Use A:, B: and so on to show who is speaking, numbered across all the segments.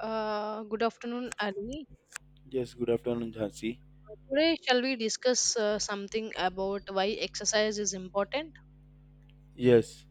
A: Good afternoon, Ali.
B: Yes, good afternoon, Jhansi.
A: Today, shall we discuss something about why exercise is important?
B: Yes,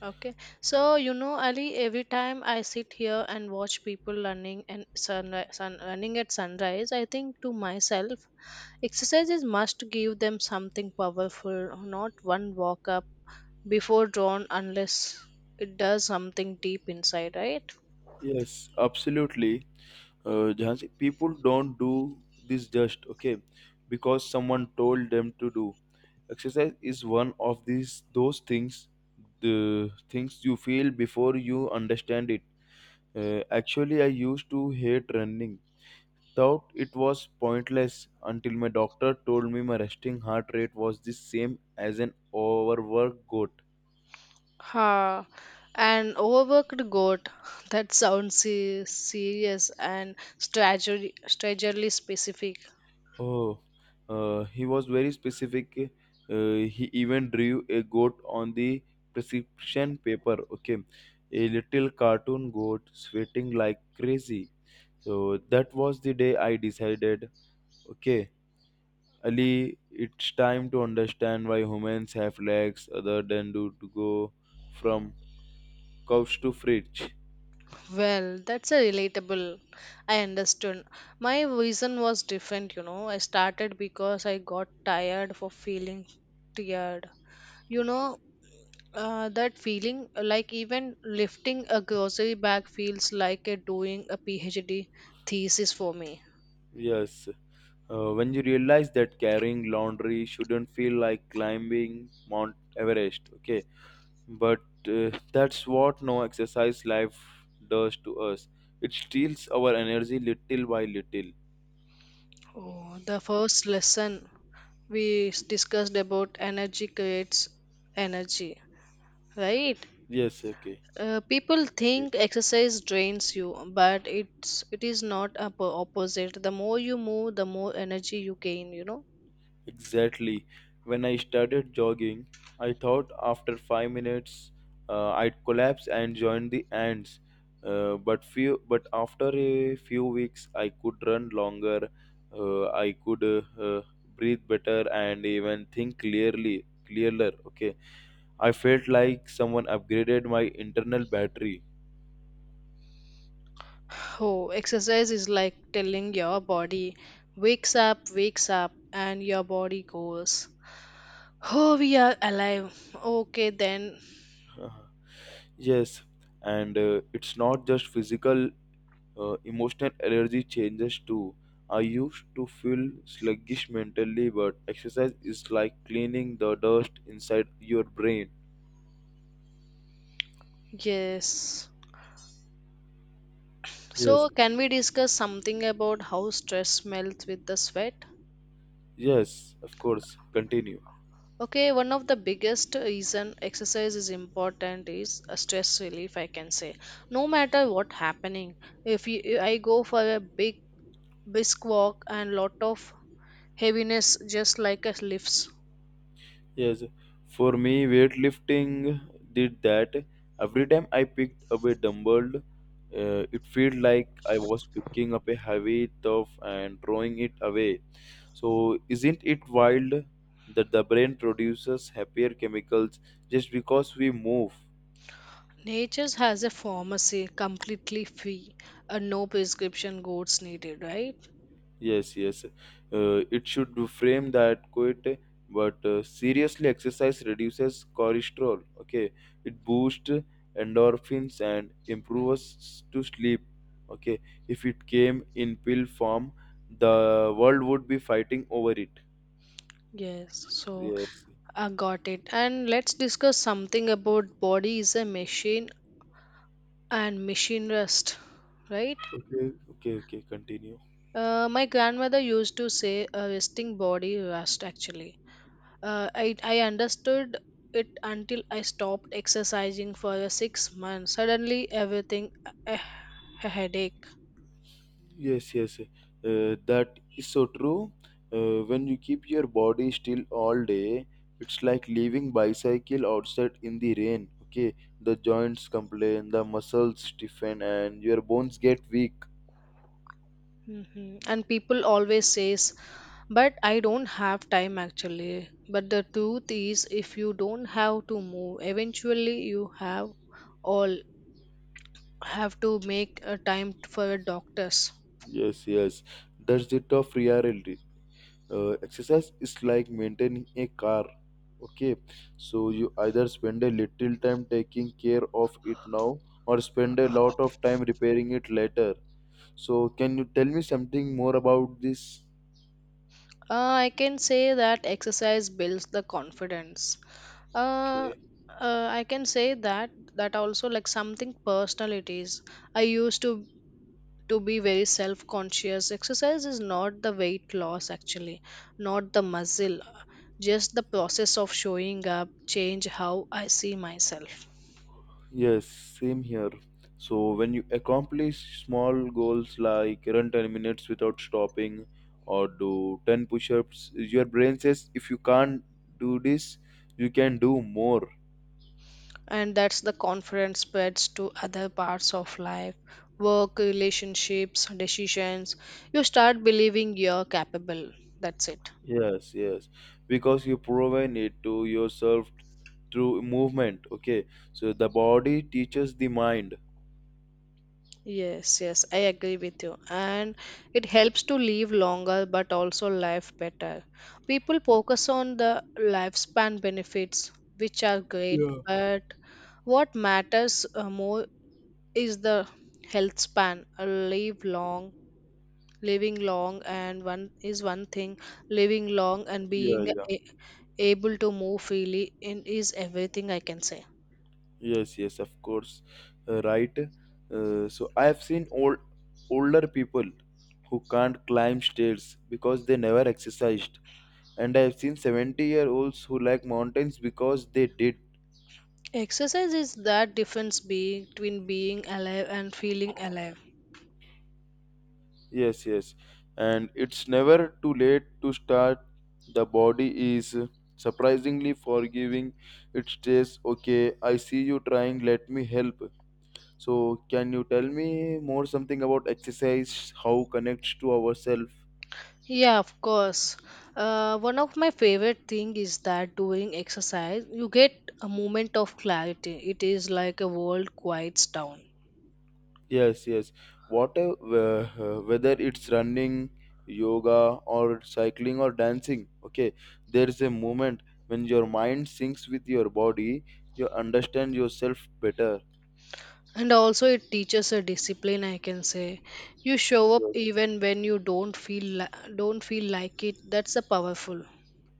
A: Okay. So, you know, Ali, every time I sit here and watch people running and sun running at sunrise, I think to myself, exercises must give them something powerful, not one walk up before dawn unless it does something deep inside, right?
B: yes, absolutely. Jhansi, people don't do this just okay because someone told them to do. Exercise is one of these those things, the things you feel before you understand it. Actually, I used to hate running. Thought it was pointless until my doctor told me my resting heart rate was the same as an overworked goat.
A: Ha, an overworked goat. That sounds serious and strategy, strangely specific.
B: Oh, he was very specific. He even drew a goat on the prescription paper. Okay, a little cartoon goat sweating like crazy. So that was the day I decided. Okay, Ali, it's time to understand why humans have legs other than do to go from couch to fridge.
A: Well, that's a relatable. I understood. My reason was different, you know. I started because I got tired for feeling tired. You know, that feeling like even lifting a grocery bag feels like a doing a PhD thesis for me.
B: Yes. When you realize that carrying laundry shouldn't feel like climbing Mount Everest, okay. But that's what no exercise life does to us. It steals our energy little by little.
A: Oh, the first lesson we discussed about energy creates energy, right?
B: Yes, okay.
A: People think exercise drains you, but it is not a opposite. The more you move, the more energy you gain, you know.
B: Exactly. When I started jogging, I thought after 5 minutes I'd collapse and join the ants. But after a few weeks, I could run longer. I could breathe better and even think clearer. Okay, I felt like someone upgraded my internal battery.
A: Oh, exercise is like telling your body wakes up, and your body goes, oh, we are alive, okay then.
B: Yes, and it's not just physical, emotional energy changes too. I used to feel sluggish mentally, but exercise is like cleaning the dust inside your brain.
A: Yes,
B: Yes,
A: so can we discuss something about how stress melts with the sweat?
B: yes, of course. Continue.
A: Okay, one of the biggest reason exercise is important is a stress relief, I can say. No matter what happening, if you, I go for a big brisk walk and lot of heaviness, just like a lifts.
B: Yes, for me, weightlifting did that. Every time I picked up a dumbbell, it felt like I was picking up a heavy stuff and throwing it away. So, isn't it wild that the brain produces happier chemicals just because we move?
A: Nature has a pharmacy completely free, and no prescription goods needed, right?
B: Yes, yes. It should be frame that quite, but seriously, exercise reduces cholesterol. Okay, it boosts endorphins and improves to sleep. Okay, if it came in pill form, the world would be fighting over it.
A: Yes, so
B: Yes.
A: I got it. And let's discuss something about body is a machine and machine rest, right?
B: Okay, okay, okay. Continue.
A: My grandmother used to say a resting body rest actually. I understood it until I stopped exercising for a 6 months. Suddenly everything a, a headache.
B: Yes, yes, that is so true. When you keep your body still all day, it's like leaving bicycle outside in the rain. Okay, the joints complain, the muscles stiffen, and your bones get weak.
A: Mhm. And people always says, but I don't have time actually. But the truth is if you don't have to move, eventually you have all have to make a time for a doctors.
B: Yes, yes, that's the tough reality. Exercise is like maintaining a car. Okay, so you either spend a little time taking care of it now or spend a lot of time repairing it later. So, can you tell me something more about this?
A: I can say that exercise builds the confidence. uh,
B: Okay.
A: I can say that also like something personal it is. I used to be very self conscious. Exercise is not the weight loss actually, not the muscle, just the process of showing up change how I see myself.
B: Yes, same here. So, when you accomplish small goals like run 10 minutes without stopping or do 10 push ups, your brain says, if you can't do this, you can do more.
A: And that's the confidence spreads to other parts of life, work, relationships, decisions. You start believing you're capable, that's it.
B: Yes, yes. Because you proven it to yourself through movement. Okay. So, the body teaches the mind.
A: Yes, yes, I agree with you. And it helps to live longer but also life better. People focus on the lifespan benefits, which are great, but what matters more is the health span. Living long, and one is one thing. Living long and
B: Yeah,
A: being
B: yeah.
A: able to move freely in is everything, I can say.
B: Yes, yes, of course, right. So I have seen older people who can't climb stairs because they never exercised, and I have seen 70-year-olds who like mountains because they did.
A: Exercise is that difference between being alive and feeling alive.
B: Yes, yes, and it's never too late to start. The body is surprisingly forgiving. It says, "Okay, I see you trying. Let me help." So, can you tell me more something about exercise? How connects to ourselves?
A: Yeah, of course. One of my favorite thing is that doing exercise, you get a moment of clarity. It is like a world quiets down.
B: Yes, yes. Whatever, whether it's running, yoga, or cycling, or dancing, okay, there's a moment when your mind syncs with your body, you understand yourself better.
A: And also it teaches a discipline, I can say. You show up
B: Yes,
A: even when you don't feel like it. That's a powerful.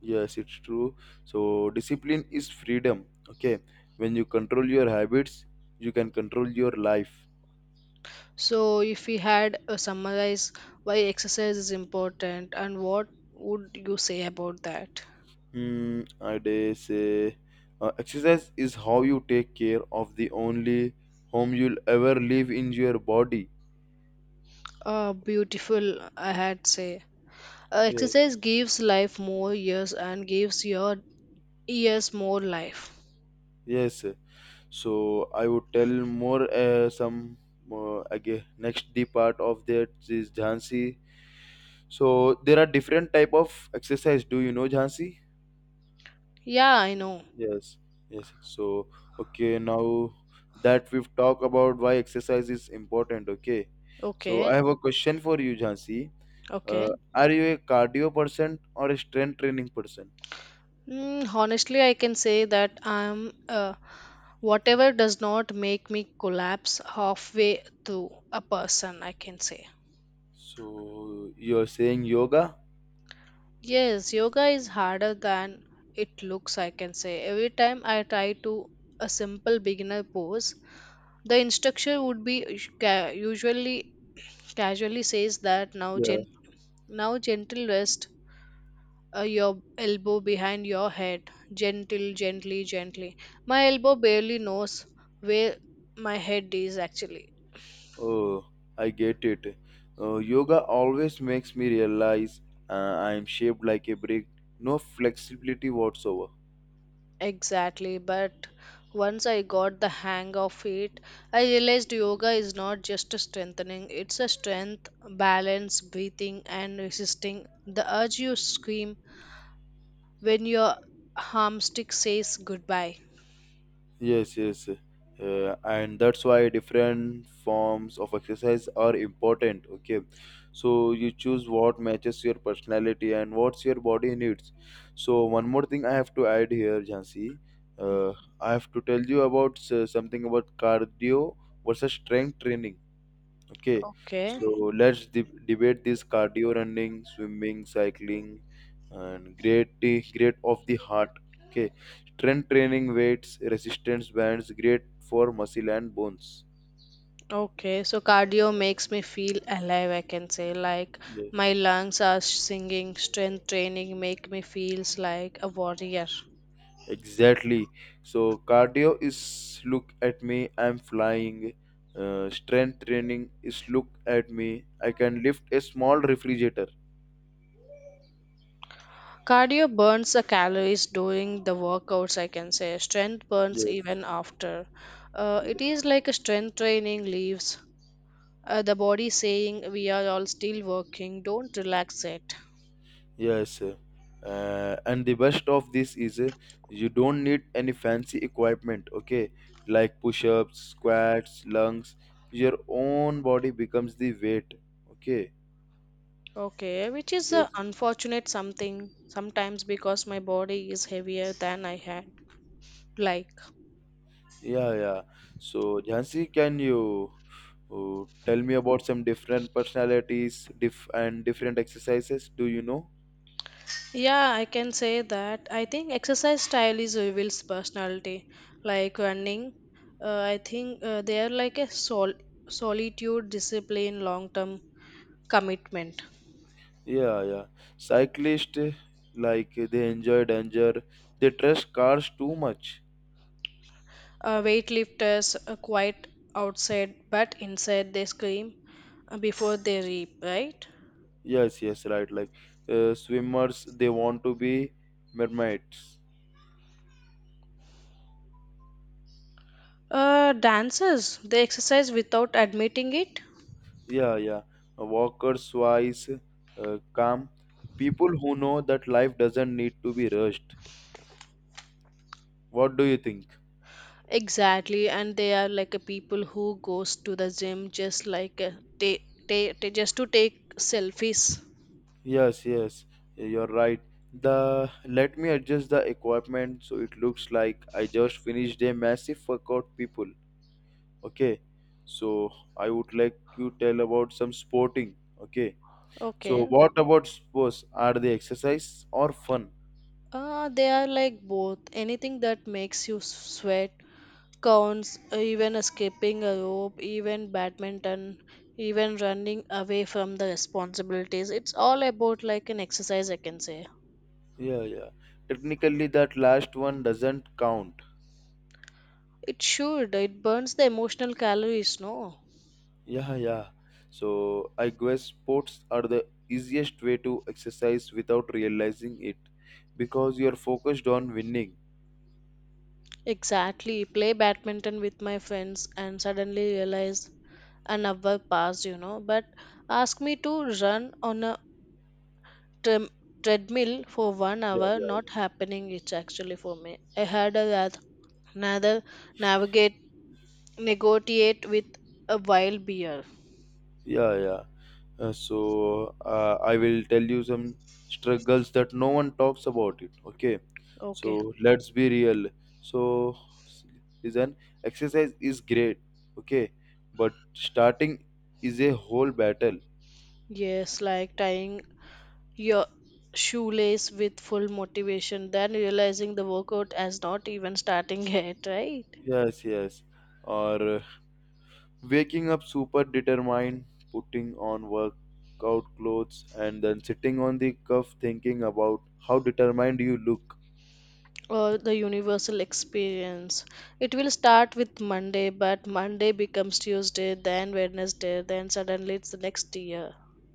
B: yes, it's true. So, discipline is freedom, okay? When you control your habits, you can control your life.
A: So if we had a summarize why exercise is important and what would you say about that?
B: Hmm, I dare say exercise is how you take care of the only home you'll ever live in your body.
A: Beautiful, I had say.
B: Yes.
A: Exercise gives life more years and gives your ears more life.
B: Yes, so I would tell more some again next D part of that is Jhansi. So there are different type of exercise. Do you know Jhansi?
A: Yeah, I know.
B: Yes, yes. So okay, now that we've talked about why exercise is important. Okay, so
A: Okay,
B: I have a question for you, Jhansi.
A: okay.
B: Are you a cardio person or a strength training person?
A: Mm, honestly, I can say that I'm whatever does not make me collapse halfway through a person, I can say.
B: So you're saying yoga?
A: Yes, yoga is harder than it looks, I can say. Every time I try to a simple beginner pose, the instructor would be usually casually says that now gentle rest your elbow behind your head. Gentle, gently, gently. My elbow barely knows where my head is actually.
B: Oh, I get it. Yoga always makes me realize uh, I am shaped like a brick, no flexibility whatsoever.
A: Exactly. But once I got the hang of it, I realized yoga is not just a strengthening, it's a strength, balance, breathing, and resisting the urge you scream when your armstick says goodbye.
B: Yes, yes. And that's why different forms of exercise are important. Okay, so you choose what matches your personality and what's your body needs. So one more thing I have to add here, Jansi. Uh, I have to tell you about something about cardio versus strength training. Okay,
A: Okay.
B: so let's de debate this cardio running, swimming, cycling, and great of the heart. Okay, strength training, weights, resistance bands, great for muscle and bones.
A: Okay, so cardio makes me feel alive, I can say. Like
B: Yes,
A: my lungs are singing, strength training make me feels like a warrior.
B: exactly. So cardio is look at me, I'm flying. Strength training is look at me, I can lift a small refrigerator.
A: Cardio burns the calories during the workouts, I can say. Strength burns even after. It
B: Yes.
A: is like a strength training leaves the body saying we are all still working, don't relax it.
B: Yes, and the best of this is you don't need any fancy equipment, okay? Like push ups, squats, lungs. Your own body becomes the weight, okay?
A: Okay, which is a
B: Yes.
A: unfortunate something sometimes because my body is heavier than I had like.
B: Yeah, yeah. So, Jhansi, can you tell me about some different personalities and different exercises? Do you know?
A: Yeah, I can say that. I think exercise style is reveals personality. Like running, I think they are like a solitude, discipline, long term commitment.
B: Yeah, yeah. Cyclists, like they enjoy danger, they trust cars too much.
A: Weightlifters are quite outside, but inside they scream before they reap, right?
B: Yes, yes, right. Like swimmers, they want to be mermaids.
A: Dancers, they exercise without admitting it.
B: Yeah, yeah. Walkers, wise, calm. People who know that life doesn't need to be rushed. What do you think?
A: Exactly, and they are like a people who goes to the gym just like a just to take selfies.
B: Yes, yes, you're right. The let me adjust the equipment so it looks like I just finished a massive workout, people. Okay, so I would like you tell about some sporting. Okay, so
A: Okay.
B: what about sports? Are they exercise or fun?
A: They are like both. Anything that makes you sweat counts, even skipping a rope, even badminton, even running away from the responsibilities. It's all about like an exercise, I can say.
B: Yeah, yeah. Technically, that last one doesn't count.
A: It should. It burns the emotional calories, no?
B: Yeah, yeah. So I guess sports are the easiest way to exercise without realizing it because you're focused on winning.
A: Exactly. Play badminton with my friends and suddenly realize an hour passed, you know. But ask me to run on a trem- treadmill for one
B: Yeah,
A: hour
B: yeah,
A: not happening, it's actually for me. I had a another navigate negotiate with a wild beer.
B: yeah, yeah, yeah. So I will tell you some struggles that no one talks about it. Okay,
A: Okay,
B: so let's be real. So listen, exercise is great. Okay, but starting is a whole battle.
A: yes, like tying your shoelace with full motivation then realizing the workout has not even starting yet, right?
B: Yes, yes. Or waking up super determined, putting on workout clothes, and then sitting on the cuff thinking about how determined you look.
A: Or the universal experience, it will start with Monday, but Monday becomes Tuesday then Wednesday then suddenly it's the next year,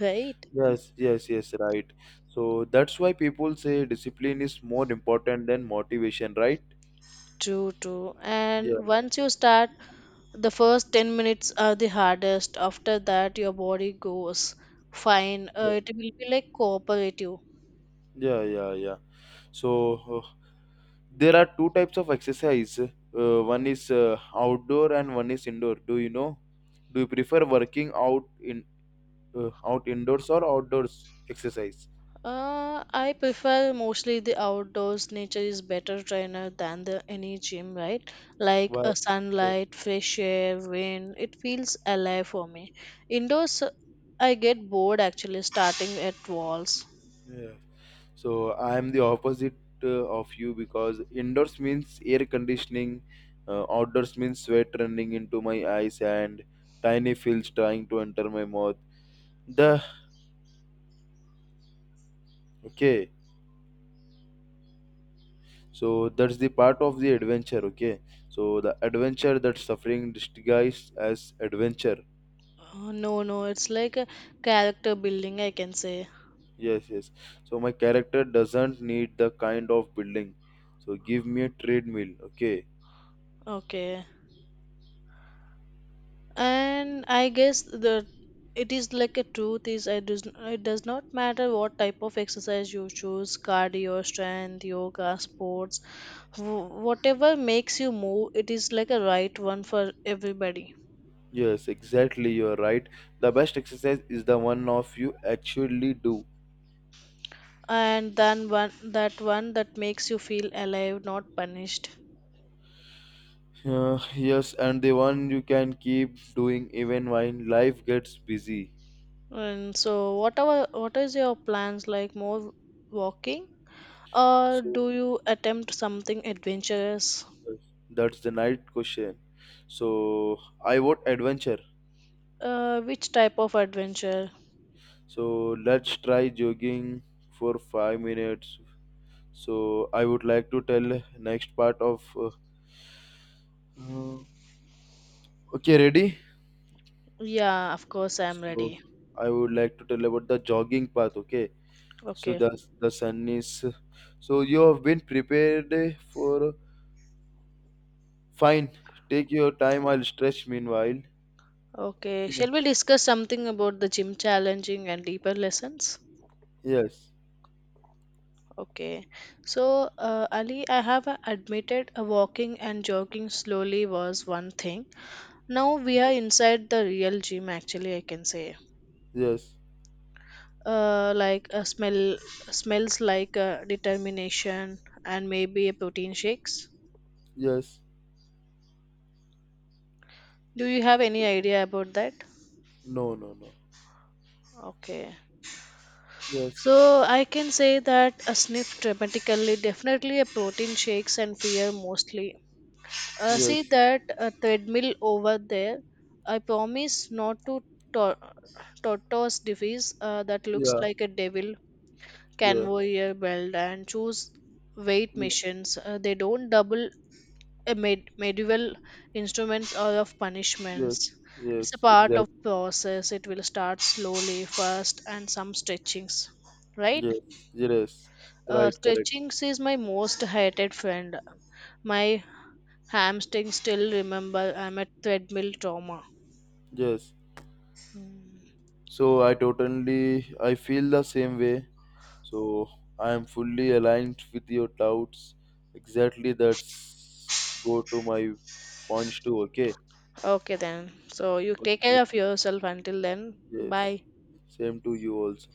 A: right?
B: Yes, yes, yes, right. So that's why people say discipline is more important than motivation, right?
A: True, true.
B: Yeah,
A: And once you start, the first 10 minutes are the hardest. After that, your body goes fine.
B: yeah,
A: It will be like cooperative.
B: yeah, yeah, yeah. So there are two types of exercise. One is outdoor and one is indoor. Do you know? Do you prefer working out in out indoors or outdoors exercise?
A: I prefer mostly the outdoors. Nature is better trainer than the any gym, right? Like a
B: But yes,
A: sunlight, fresh air, wind. It feels alive for me. Indoors, I get bored actually starting at walls.
B: yeah. So I am the opposite of you because indoors means air conditioning, outdoors means sweat running into my eyes and tiny fields trying to enter my mouth. The okay. So that's the part of the adventure. Okay. So the adventure that suffering disguised as adventure.
A: No, no, it's like a character building, I can say.
B: Yes, yes. So my character doesn't need the kind of building. So give me a treadmill, okay?
A: Okay. And I guess the it is like a truth is it does not matter what type of exercise you choose, cardio, strength, yoga, sports, whatever makes you move, it is like a right one for everybody.
B: Yes, exactly. You are right. The best exercise is the one of you actually do.
A: And then one that makes you feel alive, not punished.
B: Yes, and the one you can keep doing even when life gets busy.
A: And so what is your plans, like more walking, or
B: So
A: do you attempt something adventurous?
B: yes, that's the night question. So I want adventure.
A: Which type of adventure?
B: So let's try jogging for 5 minutes. So I would like to tell next part of. Uh, okay, ready?
A: Yeah, of course, I'm
B: So
A: ready.
B: I would like to tell about the jogging path. Okay. So
A: Okay.
B: the sun is. So you have been prepared eh, for fine. Take your time. I'll stretch meanwhile.
A: Okay. Shall
B: Okay.
A: we discuss something about the gym challenging and deeper lessons?
B: Yes.
A: Okay. So, Ali, I have admitted walking and jogging slowly was one thing. Now we are inside the real gym, actually, I can say.
B: Yes.
A: Like smell smells like determination and maybe a protein shakes.
B: Yes.
A: Do you have any idea about that?
B: No. No. No.
A: Okay.
B: Yes.
A: So I can say that a sniff dramatically, definitely a protein shakes and fear mostly.
B: Yes.
A: See that treadmill over there. I promise not to tor- tortoise device that looks
B: Yeah.
A: like a devil
B: Yeah.
A: conveyor belt and choose weight
B: Yes.
A: missions. They don't double a medieval instruments or of
B: Yes.
A: punishments. It's a
B: Yes.
A: part of
B: Exactly.
A: process. It will start slowly, first, and some stretchings, right?
B: Yes. Yes. Right. Correct.
A: Stretching is my most hated friend. My hamstring still remember I'm a treadmill trauma.
B: Yes.
A: Mm.
B: So I totally. I feel the same way. So I am fully aligned with your doubts. Exactly. That's go to my Points to okay.
A: Okay then. So you take
B: Okay.
A: care of yourself until then.
B: Yes.
A: Bye.
B: Same to you also.